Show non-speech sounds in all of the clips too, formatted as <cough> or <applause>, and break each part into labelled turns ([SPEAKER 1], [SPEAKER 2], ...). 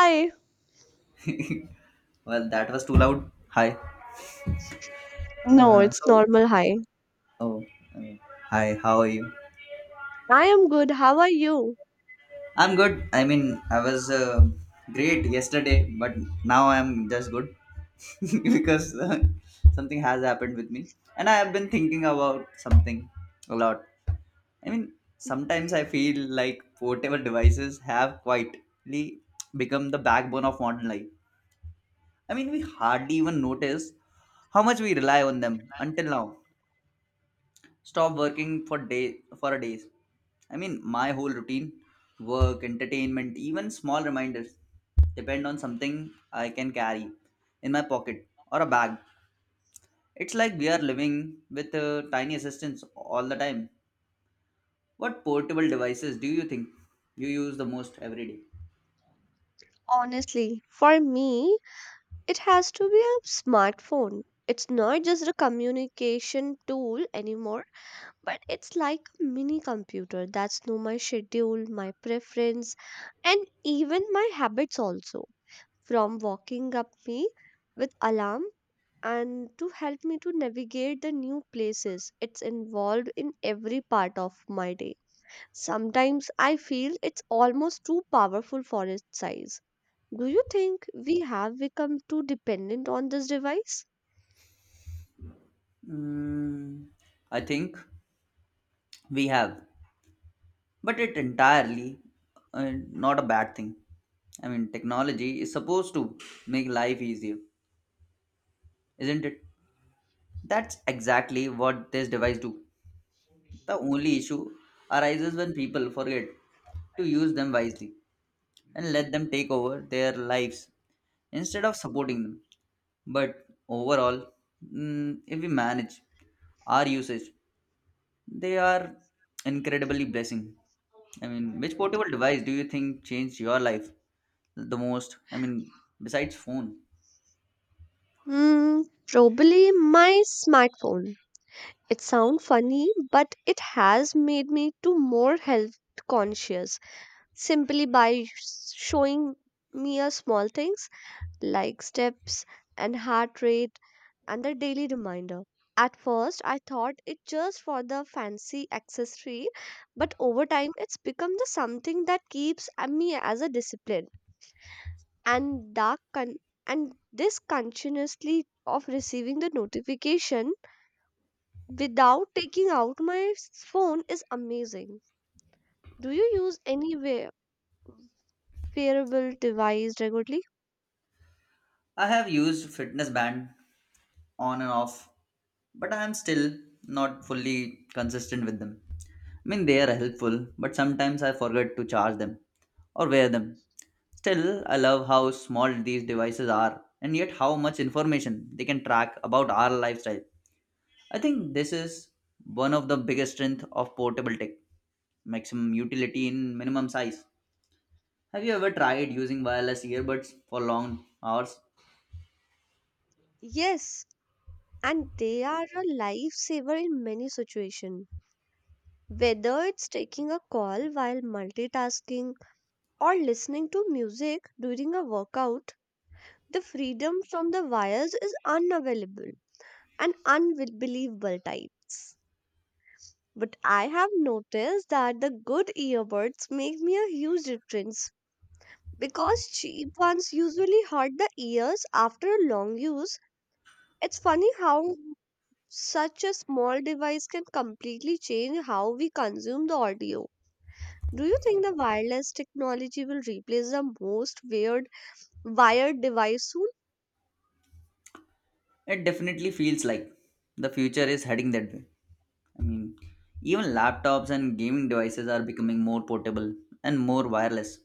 [SPEAKER 1] Hi.
[SPEAKER 2] <laughs> Well, that was too loud. Hi.
[SPEAKER 1] No,
[SPEAKER 2] Uh,
[SPEAKER 1] it's
[SPEAKER 2] so,
[SPEAKER 1] normal. Hi.
[SPEAKER 2] oh, uh, hi. How are you?
[SPEAKER 1] I am good. How are you?
[SPEAKER 2] I'm good. I mean, I was great yesterday, but now I'm just good <laughs> because something has happened with me, and I have been thinking about something a lot. I mean, sometimes I feel like portable devices have quietly become the backbone of modern life. I mean, we hardly even notice how much we rely on them until now. Stop working for a days. I mean, my whole routine, work, entertainment, even small reminders depend on something I can carry in my pocket or a bag. It's like we are living with tiny assistance all the time. What portable devices do you think you use the most every day?
[SPEAKER 1] Honestly, for me, it has to be a smartphone. It's not just a communication tool anymore, but it's like a mini computer that's know my schedule, my preference, and even my habits also. From walking up me with alarm and to help me to navigate the new places it's involved in every part of my day. Sometimes I feel it's almost too powerful for its size. Do you think we have become too dependent on this device?
[SPEAKER 2] Mm, I think we have, but it entirely not a bad thing. I mean, technology is supposed to make life easier, isn't it? That's exactly what these devices do. The only issue arises when people forget to use them wisely and let them take over their lives instead of supporting them. But overall, if we manage our usage, they are incredibly blessing. I mean, which portable device do you think changed your life the most? I mean, besides phone,
[SPEAKER 1] Hmm, Probably my smartphone. It sounds funny, but it has made me to more health conscious simply by showing me a small things like steps and heart rate and the daily reminder. At first, I thought it just for the fancy accessory, but over time, it's become the something that keeps me as a discipline. And dark con- and this continuously of receiving the notification without taking out my phone is amazing. Do you use any wearable device regularly?
[SPEAKER 2] I have used fitness band on and off, but I am still not fully consistent with them. I mean, they are helpful, but sometimes I forget to charge them or wear them. Still, I love how small these devices are and yet how much information they can track about our lifestyle. I think this is one of the biggest strength of portable tech. Maximum utility in minimum size. Have you ever tried using wireless earbuds for long hours?
[SPEAKER 1] Yes, and they are a lifesaver in many situations. Whether it's taking a call while multitasking or listening to music during a workout, the freedom from the wires is unavailable and unbelievable types. But I have noticed that the good earbuds make me a huge difference because cheap ones usually hurt the ears after a long use. It's funny how such a small device can completely change how we consume the audio. Do you think the wireless technology will replace the most weird wired device soon?
[SPEAKER 2] It definitely feels like the future is heading that way. I mean, even laptops and gaming devices are becoming more portable and more wireless.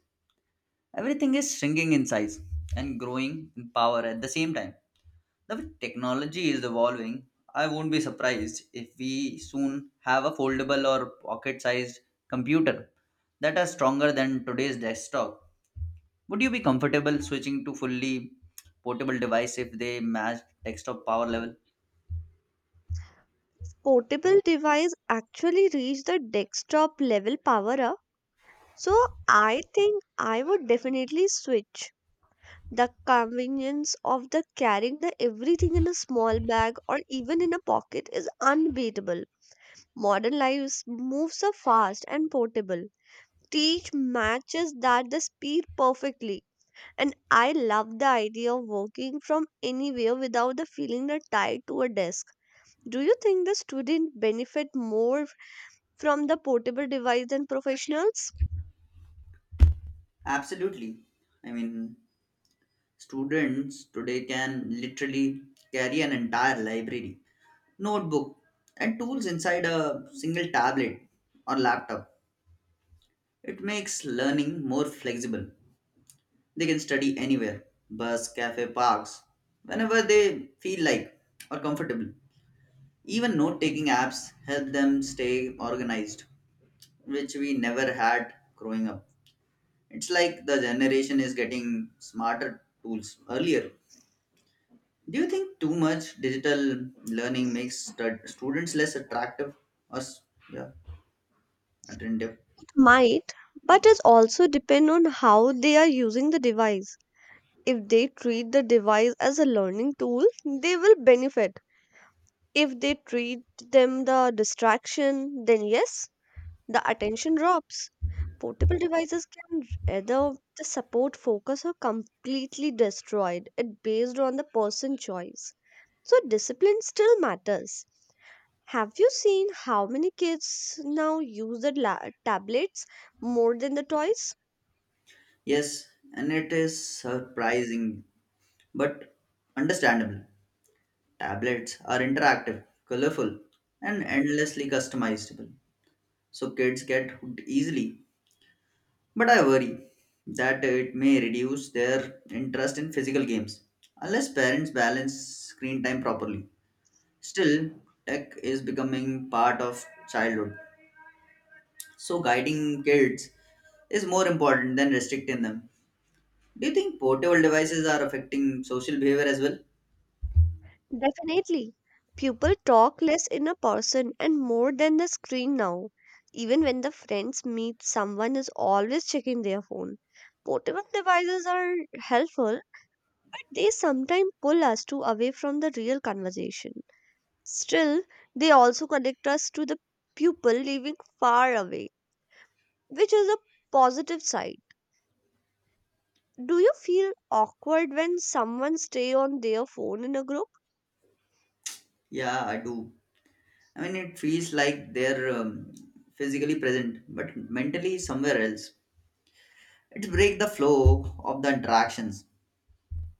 [SPEAKER 2] Everything is shrinking in size and growing in power at the same time. The way technology is evolving, I won't be surprised if we soon have a foldable or pocket sized computer that are stronger than today's desktop. Would you be comfortable switching to fully portable device if they match desktop power level?
[SPEAKER 1] Portable device actually reach the desktop level power up. So I think I would definitely switch the convenience of the carrying the everything in a small bag or even in a pocket is unbeatable. Modern lives moves so fast and portable. Teach matches that the speed perfectly. And I love the idea of working from anywhere without the feeling that tied to a desk. Do you think the student benefit more from the portable device than professionals?
[SPEAKER 2] Absolutely. I mean, students today can literally carry an entire library, notebook, and tools inside a single tablet or laptop. It makes learning more flexible. They can study anywhere bus, cafe, parks, whenever they feel like or comfortable. Even note taking apps help them stay organized, which we never had growing up. It's like the generation is getting smarter tools earlier. Do you think too much digital learning makes students less attractive or yeah, attentive?
[SPEAKER 1] Might, but it also depend on how they are using the device. If they treat the device as a learning tool, they will benefit. If they treat them the distraction, then yes, the attention drops. Portable devices can either the support focus or completely destroyed it based on the person choice. So discipline still matters. Have you seen how many kids now use the tablets more than the toys?
[SPEAKER 2] Yes, and it is surprising, but understandable. Tablets are interactive, colorful, and endlessly customizable, so kids get hooked easily. But I worry that it may reduce their interest in physical games unless parents balance screen time properly. Still, tech is becoming part of childhood. So guiding kids is more important than restricting them. Do you think portable devices are affecting social behavior as well?
[SPEAKER 1] Definitely. People talk less in a person and more than the screen now. Even when the friends meet, someone is always checking their phone. Portable devices are helpful. They sometimes pull us to away from the real conversation. Still, they also connect us to the people living far away, which is a positive side. Do you feel awkward when someone stay on their phone in a group?
[SPEAKER 2] Yeah, I do. I mean, it feels like they're physically present, but mentally somewhere else. It breaks the flow of the interactions.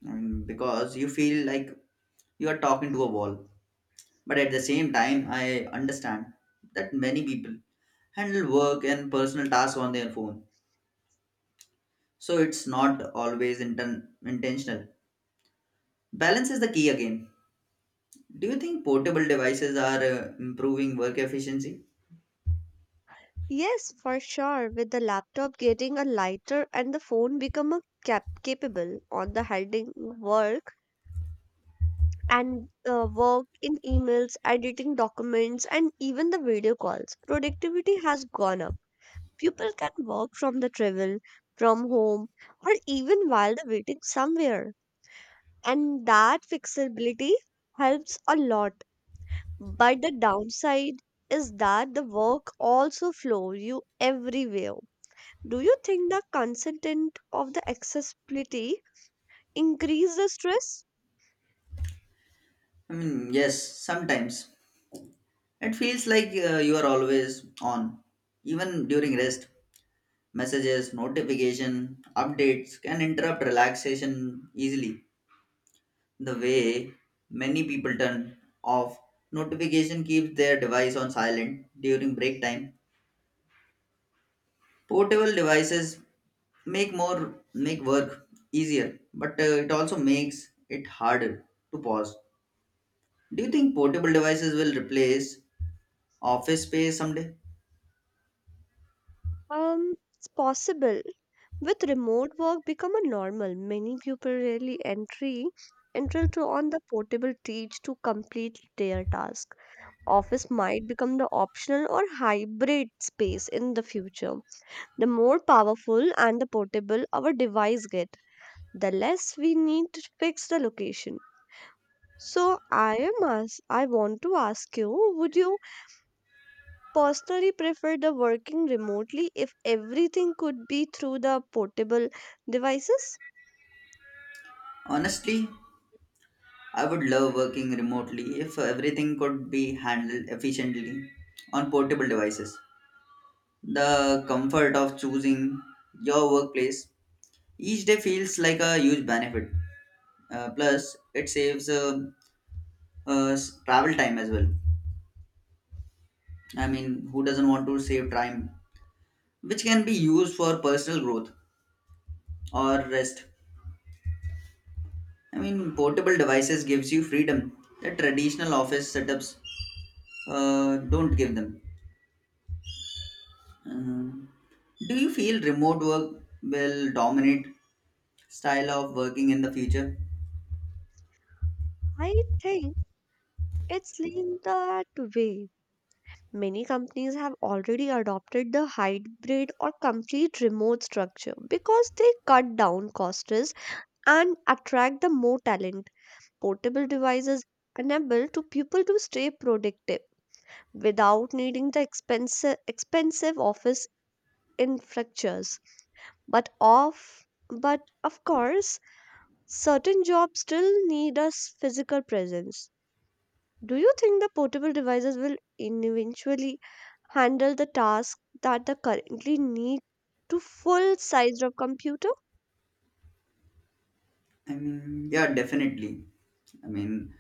[SPEAKER 2] I mean, because you feel like you are talking to a wall. But at the same time, I understand that many people handle work and personal tasks on their phone. So it's not always intentional. Balance is the key again. Do you think portable devices are improving work efficiency?
[SPEAKER 1] Yes, for sure. With the laptop getting a lighter and the phone become a capable on the handling work and work in emails, editing documents, and even the video calls, productivity has gone up. People can work from the travel, from home, or even while they're waiting somewhere. And that flexibility helps a lot. But the downside is that the work also flows you everywhere. Do you think the consistent of the accessibility increase the stress?
[SPEAKER 2] I mean, yes, sometimes. It feels like you are always on, even during rest. Messages, notification, updates can interrupt relaxation easily. The way many people turn off notification keeps their device on silent during break time. Portable devices make work easier, but it also makes it harder to pause. Do you think portable devices will replace office space someday?
[SPEAKER 1] It's possible. With remote work become a normal, many people really entry enter to on the portable teach to complete their task. Office might become the optional or hybrid space in the future. The more powerful and the portable our device get, the less we need to fix the location. So I want to ask you, would you personally prefer the working remotely if everything could be through the portable devices?
[SPEAKER 2] Honestly, I would love working remotely if everything could be handled efficiently on portable devices. The comfort of choosing your workplace each day feels like a huge benefit. Plus, it saves travel time as well. I mean, who doesn't want to save time, which can be used for personal growth or rest? I mean, portable devices gives you freedom that traditional office setups don't give them. Um, do you feel remote work will dominate style of working in the future?
[SPEAKER 1] I think it's lean that way. Many companies have already adopted the hybrid or complete remote structure because they cut down costs and attract the more talent. Portable devices enable to people to stay productive without needing the expensive office infrastructures. But of but of course, certain jobs still need a physical presence. Do you think the portable devices will eventually handle the task that they currently need to full size of computer?
[SPEAKER 2] I mean, yeah, definitely. I mean,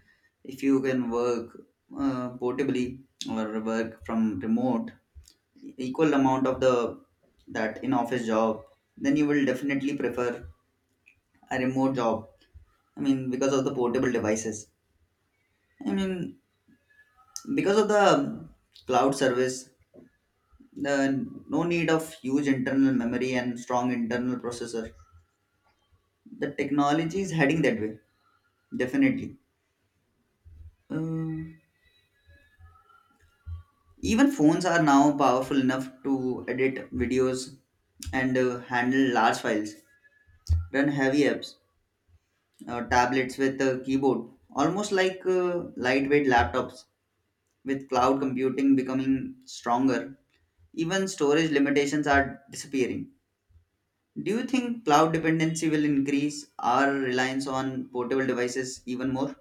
[SPEAKER 2] if you can work portably or work from remote, equal amount of the that in office job, then you will definitely prefer a remote job. I mean, because of the portable devices. I mean, because of the cloud service, the no need of huge internal memory and strong internal processor. The technology is heading that way, definitely. Uh, even phones are now powerful enough to edit videos and handle large files, run heavy apps, tablets with a keyboard, almost like lightweight laptops, with cloud computing becoming stronger. Even storage limitations are disappearing. Do you think cloud dependency will increase our reliance on portable devices even more?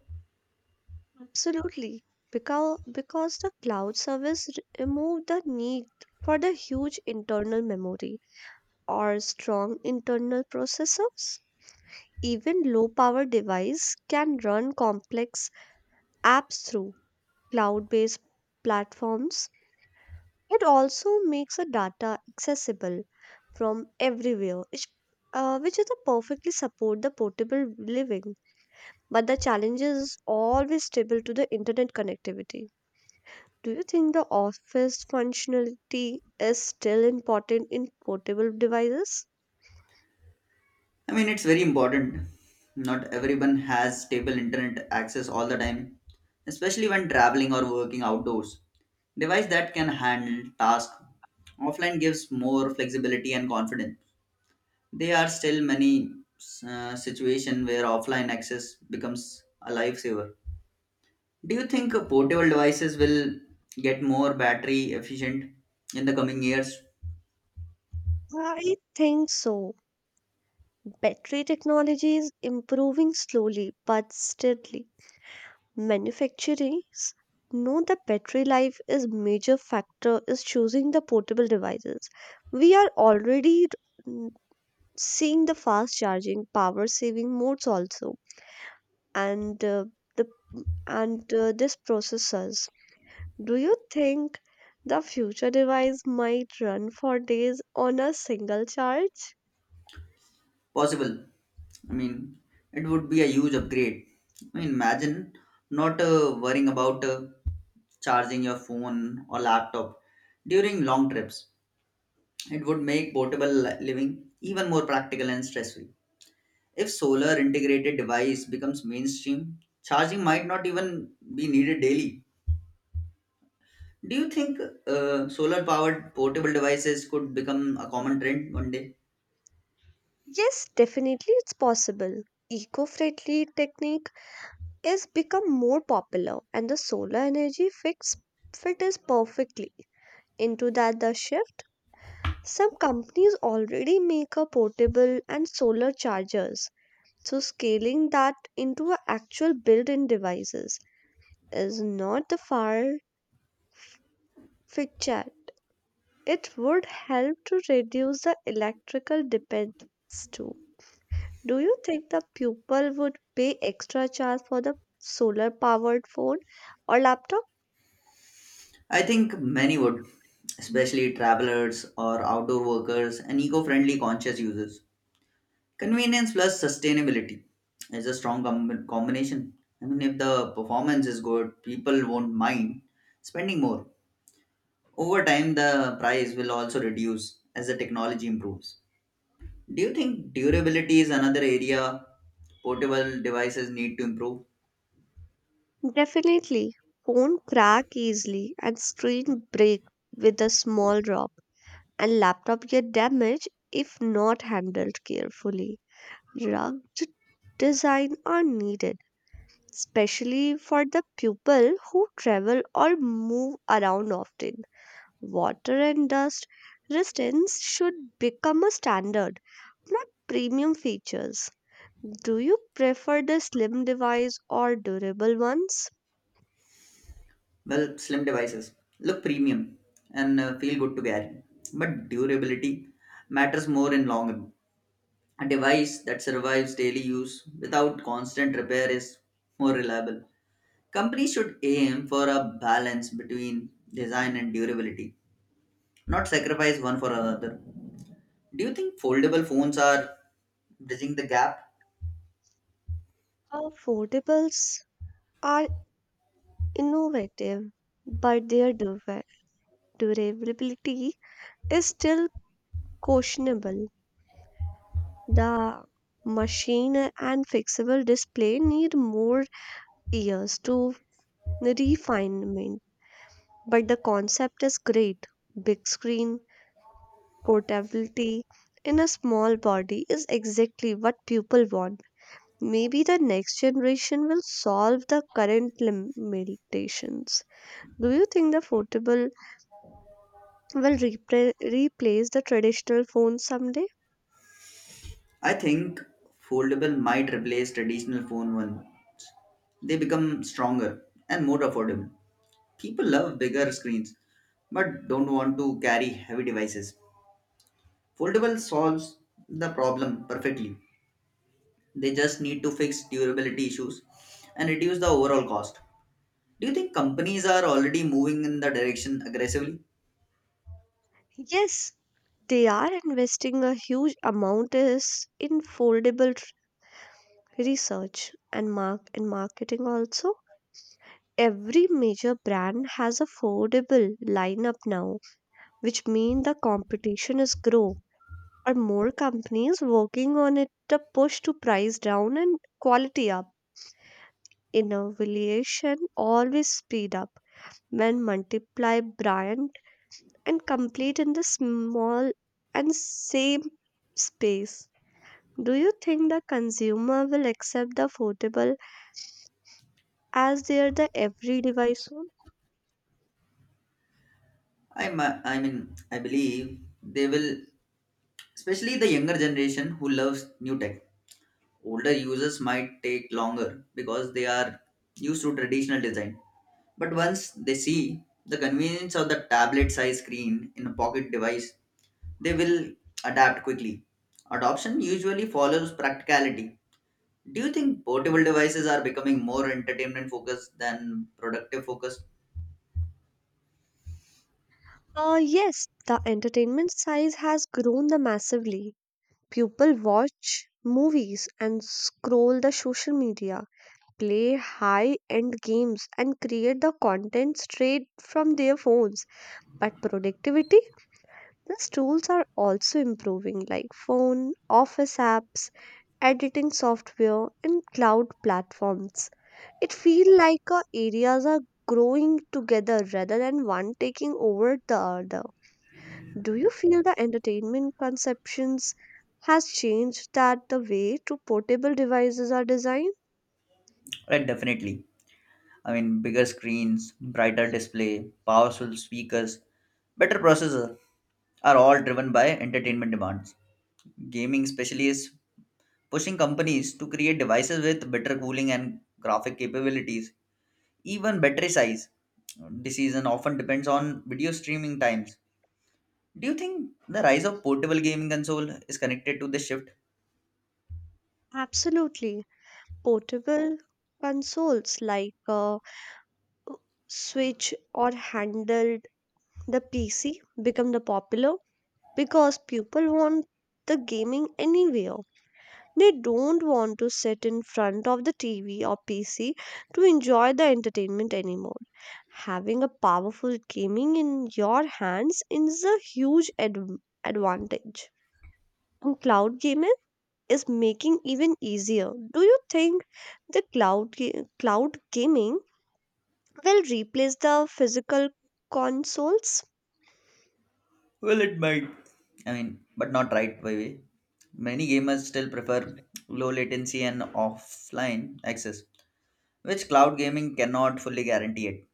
[SPEAKER 1] Absolutely. Because, the cloud service removed the need for the huge internal memory or strong internal processors. Even low power device can run complex apps through cloud based platforms. It also makes the data accessible from everywhere, which is a perfectly support the portable living. But the challenge is always stable to the internet connectivity. Do you think the office functionality is still important in portable devices?
[SPEAKER 2] I mean, it's very important. Not everyone has stable internet access all the time, especially when traveling or working outdoors. Device that can handle tasks offline gives more flexibility and confidence. There are still many situations where offline access becomes a lifesaver. Do you think portable devices will get more battery efficient in the coming years?
[SPEAKER 1] I think so. Battery technology is improving slowly but steadily. Manufacturers know the battery life is major factor is choosing the portable devices. We are already mm, seeing the fast charging, power saving modes also, and uh, the and this processors. Do you think the future device might run for days on a single charge?
[SPEAKER 2] Possible. I mean, it would be a huge upgrade. I mean, imagine not worrying about charging your phone or laptop during long trips. It would make portable living even more practical and stress free. If solar integrated device becomes mainstream, charging might not even be needed daily. Do you think solar powered portable devices could become a common trend one day?
[SPEAKER 1] Yes, definitely it's possible. Eco-friendly technique is become more popular and the solar energy fix fits perfectly into that the shift. Some companies already make a portable and solar chargers, so scaling that into a actual built-in devices is not the far future. It would help to reduce the electrical dependence too. Do you think the pupil would pay extra charge for the solar powered phone or laptop?
[SPEAKER 2] I think many would, especially travelers or outdoor workers and eco friendly conscious users. Convenience plus sustainability is a strong combination. I mean, if the performance is good, people won't mind spending more. Over time, the price will also reduce as the technology improves. Do you think durability is another area portable devices need to improve?
[SPEAKER 1] Definitely, phone crack easily and screen break with a small drop, and laptop get damaged if not handled carefully. Rugged design are needed, especially for the people who travel or move around often. Water and dust resistance should become a standard, not premium features. Do you prefer the slim device or durable ones?
[SPEAKER 2] Well, slim devices look premium and feel good to carry, but durability matters more in long run. A device that survives daily use without constant repair is more reliable. Companies should aim for a balance between design and durability, not sacrifice one for another. Do you think foldable phones are bridging the gap?
[SPEAKER 1] Affordable are innovative, but their durability is still questionable. The machine and fixable display need more years to refinement, but the concept is great. Big screen, portability in a small body is exactly what people want. Maybe the next generation will solve the current limitations. Do you think the foldable will replace the traditional phones someday?
[SPEAKER 2] I think foldable might replace traditional phone one. They become stronger and more affordable. People love bigger screens but don't want to carry heavy devices. Foldable solves the problem perfectly. They just need to fix durability issues and reduce the overall cost. Do you think companies are already moving in the direction aggressively?
[SPEAKER 1] Yes, they are investing a huge amount is in foldable research and marketing also. Every major brand has a foldable lineup now, which means the competition is grow or more companies working on it to push to price down and quality up. Innovation always speed up when multiply brand and complete in the small and same space. Do you think the consumer will accept the foldable as their the every device home?
[SPEAKER 2] I mean, I believe they will, especially the younger generation who loves new tech. Older users might take longer because they are used to traditional design. But once they see the convenience of the tablet size screen in a pocket device, they will adapt quickly. Adoption usually follows practicality. Do you think portable devices are becoming more entertainment focused than productive focused?
[SPEAKER 1] Yes, the entertainment size has grown the massively. People watch movies and scroll the social media, play high-end games and create the content straight from their phones. But productivity, these tools are also improving like phone, office apps, editing software, and cloud platforms. It feels like our areas are growing together rather than one taking over the other. Do you feel the entertainment conceptions has changed that the way to portable devices are designed?
[SPEAKER 2] Right, definitely. I mean, bigger screens, brighter display, powerful speakers, better processor are all driven by entertainment demands. Gaming, especially, is pushing companies to create devices with better cooling and graphic capabilities, even battery size. Decision often depends on video streaming times. Do you think the rise of portable gaming console is connected to this shift?
[SPEAKER 1] Absolutely. Portable consoles like Switch or handled the PC become the popular because people want the gaming anywhere. They don't want to sit in front of the TV or PC to enjoy the entertainment anymore. Having a powerful gaming in your hands is a huge advantage. And cloud gaming is making even easier. Do you think the cloud gaming will replace the physical consoles?
[SPEAKER 2] Well, it might. I mean, but not right away. Many gamers still prefer low latency and offline access, which cloud gaming cannot fully guarantee it.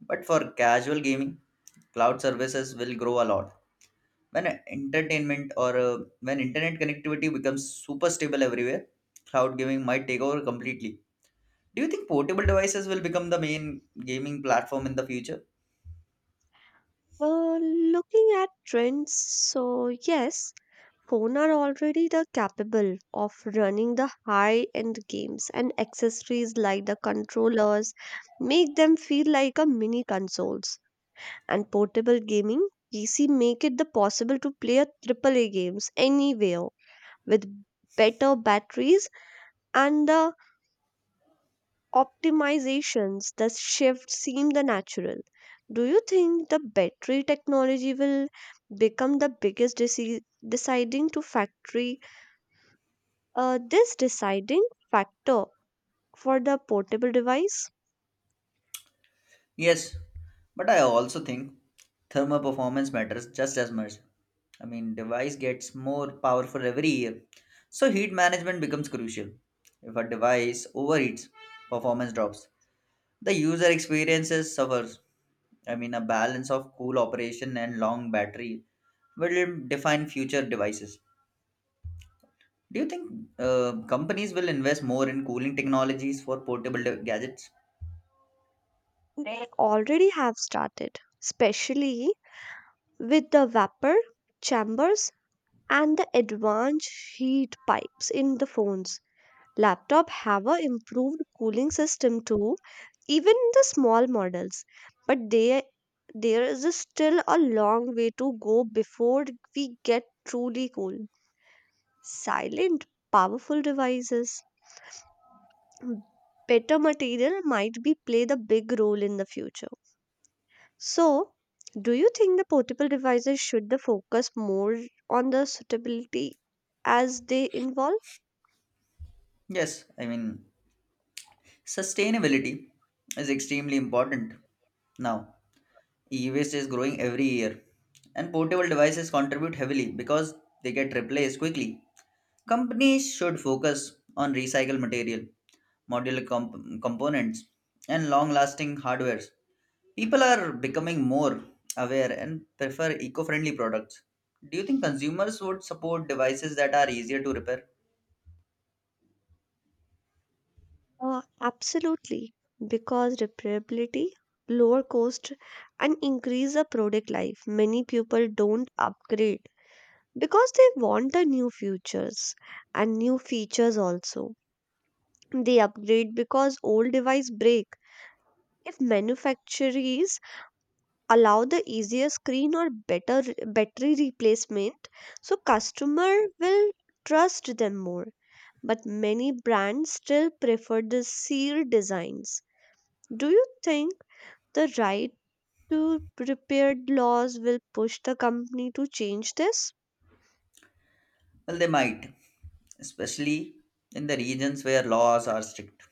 [SPEAKER 2] But for casual gaming, cloud services will grow a lot when entertainment or when internet connectivity becomes super stable everywhere. Cloud gaming might take over completely. Do you think portable devices will become the main gaming platform in the future?
[SPEAKER 1] Uh, Looking at trends, so yes, phone are already the capable of running the high-end games and accessories like the controllers make them feel like a mini consoles and portable gaming PC make it the possible to play a AAA games anywhere with better batteries and the optimizations. The shift seem the natural. Do you think the battery technology will become the biggest deciding to factory? This deciding factor for the portable device?
[SPEAKER 2] Yes, but I also think thermal performance matters just as much. I mean, device gets more powerful every year, so heat management becomes crucial. If a device overheats, performance drops. The user experiences suffers. I mean, a balance of cool operation and long battery will define future devices. Do you think companies will invest more in cooling technologies for portable gadgets?
[SPEAKER 1] They already have started, especially with the vapor chambers and the advanced heat pipes in the phones. Laptop have a improved cooling system too, even in the small models, but they there is a still a long way to go before we get truly cool. Silent, powerful devices. m- Better material might be play the big role in the future. So, do you think the portable devices should the focus more on the suitability as they involve?
[SPEAKER 2] Yes, I mean, sustainability is extremely important now. E waste is growing every year, and portable devices contribute heavily because they get replaced quickly. Companies should focus on recycled material modular components, and long lasting hardwares. People are becoming more aware and prefer eco friendly products. Do you think consumers would support devices that are easier to repair?
[SPEAKER 1] Absolutely, because repairability, lower cost, and increase the product life. Many people don't upgrade because they want the new features and new features also. They upgrade because old device break. If manufacturers allow the easier screen or better battery replacement, so customer will trust them more, but many brands still prefer the sealed designs. Do you think the right to repair laws will push the company to change this?
[SPEAKER 2] Well, they might, especially in the regions where laws are strict.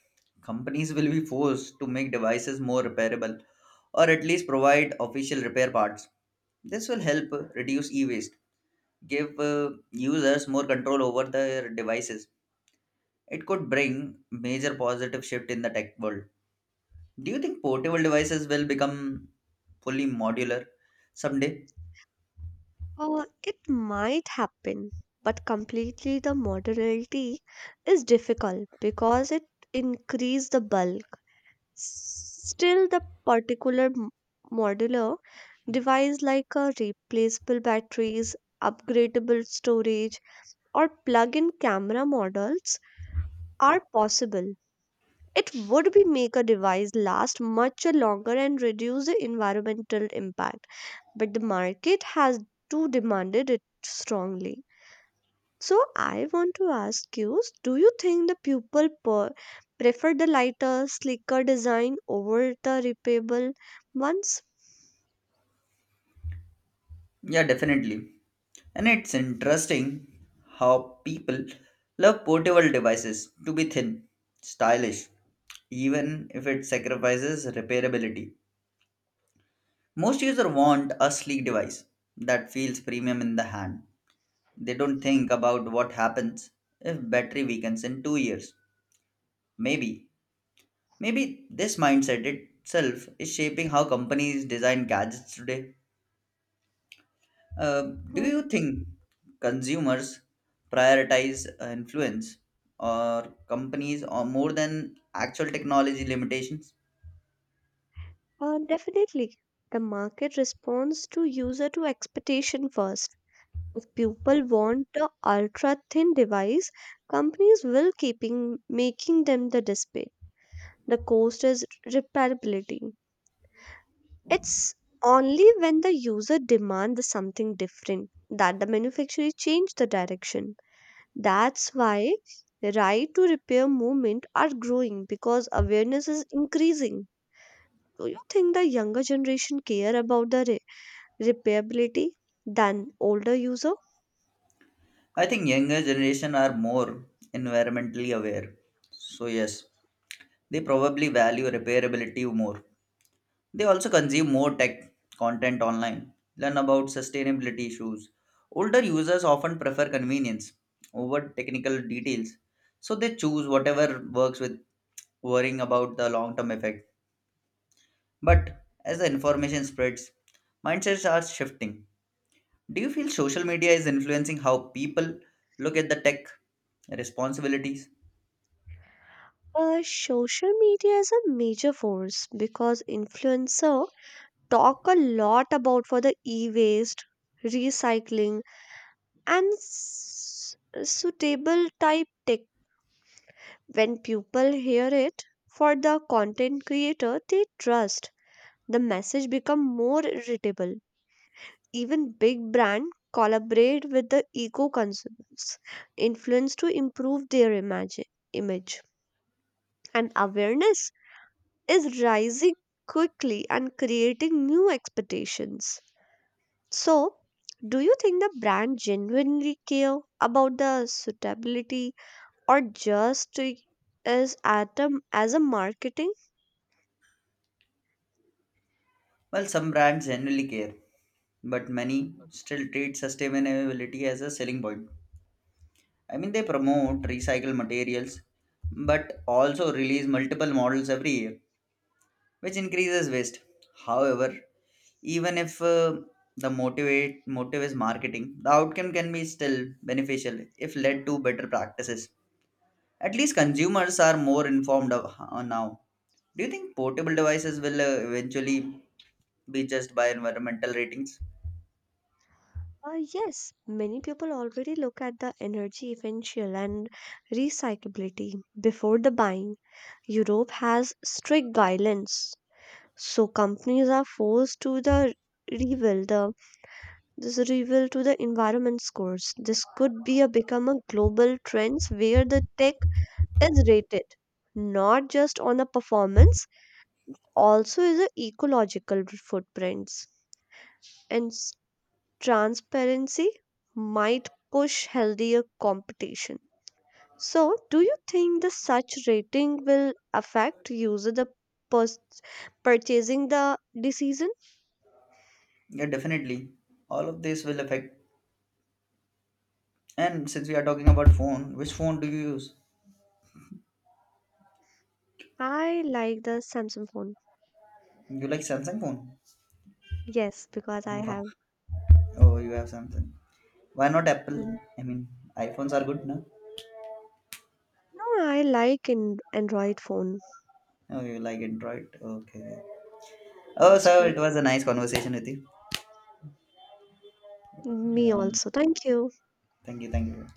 [SPEAKER 2] Companies will be forced to make devices more repairable or at least provide official repair parts. This will help reduce e waste, give users more control over their devices. It could bring major positive shift in the tech world. Do you think portable devices will become fully modular someday?
[SPEAKER 1] uh, it might happen but completely the modularity is difficult because it increase the bulk. Still, the particular modular device like a replaceable batteries, upgradable storage, or plug-in camera models are possible. It would be make a device last much longer and reduce the environmental impact, but the market has too demanded it strongly. So I want to ask you, do you think the people prefer the lighter, sleeker design over the repairable ones?
[SPEAKER 2] Yeah, definitely. And it's interesting how people love portable devices to be thin, stylish, even if it sacrifices repairability. Most users want a sleek device that feels premium in the hand. They don't think about what happens if battery weakens in 2 years. Maybe Maybe this mindset itself is shaping how companies design gadgets today. Uh, do
[SPEAKER 1] Mm.
[SPEAKER 2] you think consumers prioritize influence or companies or more than actual technology limitations?
[SPEAKER 1] Definitely. The market responds to user to expectation first. If people want the ultra thin device, companies will keeping making them the display. The cost is repairability. It's only when the user demand the something different that the manufacturer change the direction. That's why right to repair movement are growing because awareness is increasing. Do you think the younger generation care about the repairability than older user?
[SPEAKER 2] I think younger generation are more environmentally aware. So yes, they probably value repairability more. They also consume more tech content online, learn about sustainability issues. Older users often prefer convenience over technical details, so they choose whatever works with worrying about the long term effect. But as the information spreads, mindsets are shifting. Do you feel social media is influencing how people look at the tech responsibilities?
[SPEAKER 1] Social media is a major force because influencer talk a lot about for the e-waste, recycling, and suitable type tech. When people hear it for the content creator, they trust the message become more irritable even big brand collaborate with the eco consumers, influence to improve their image and awareness is rising quickly and creating new expectations. So, do you think the brand genuinely care about the suitability or just is at a, as a marketing?
[SPEAKER 2] Well, some brands genuinely care, but many still treat sustainability as a selling point. I mean, they promote recycled materials but also release multiple models every year, which increases waste. However, even if the motivate motive is marketing, the outcome can be still beneficial if led to better practices. At least consumers are more informed of, now. Do you think portable devices will eventually be judged by environmental ratings?
[SPEAKER 1] Yes, many people already look at the energy efficiency and recyclability before the buying. Europe has strict guidelines, so companies are forced to the reveal the this reveal to the environment scores. This could be a become a global trends where the tech is rated not just on the performance, also is the ecological footprints. And transparency might push healthier competition. So, do you think the such rating will affect user the pers- purchasing the decision?
[SPEAKER 2] Yeah, definitely. All of this will affect. And since we are talking about phone, which phone do you use?
[SPEAKER 1] I like the Samsung phone.
[SPEAKER 2] You like Samsung phone?
[SPEAKER 1] Yes, because I
[SPEAKER 2] Wow.
[SPEAKER 1] have.
[SPEAKER 2] Oh, you have Samsung. Why not Apple?
[SPEAKER 1] Mm.
[SPEAKER 2] I mean, iPhones are good, no?
[SPEAKER 1] No, I like an Android phone.
[SPEAKER 2] Oh, you like Android? Okay. Oh,
[SPEAKER 1] That's
[SPEAKER 2] so it
[SPEAKER 1] fine.
[SPEAKER 2] was a nice conversation with you.
[SPEAKER 1] Me
[SPEAKER 2] Um,
[SPEAKER 1] also. Thank you.
[SPEAKER 2] thank you, thank you.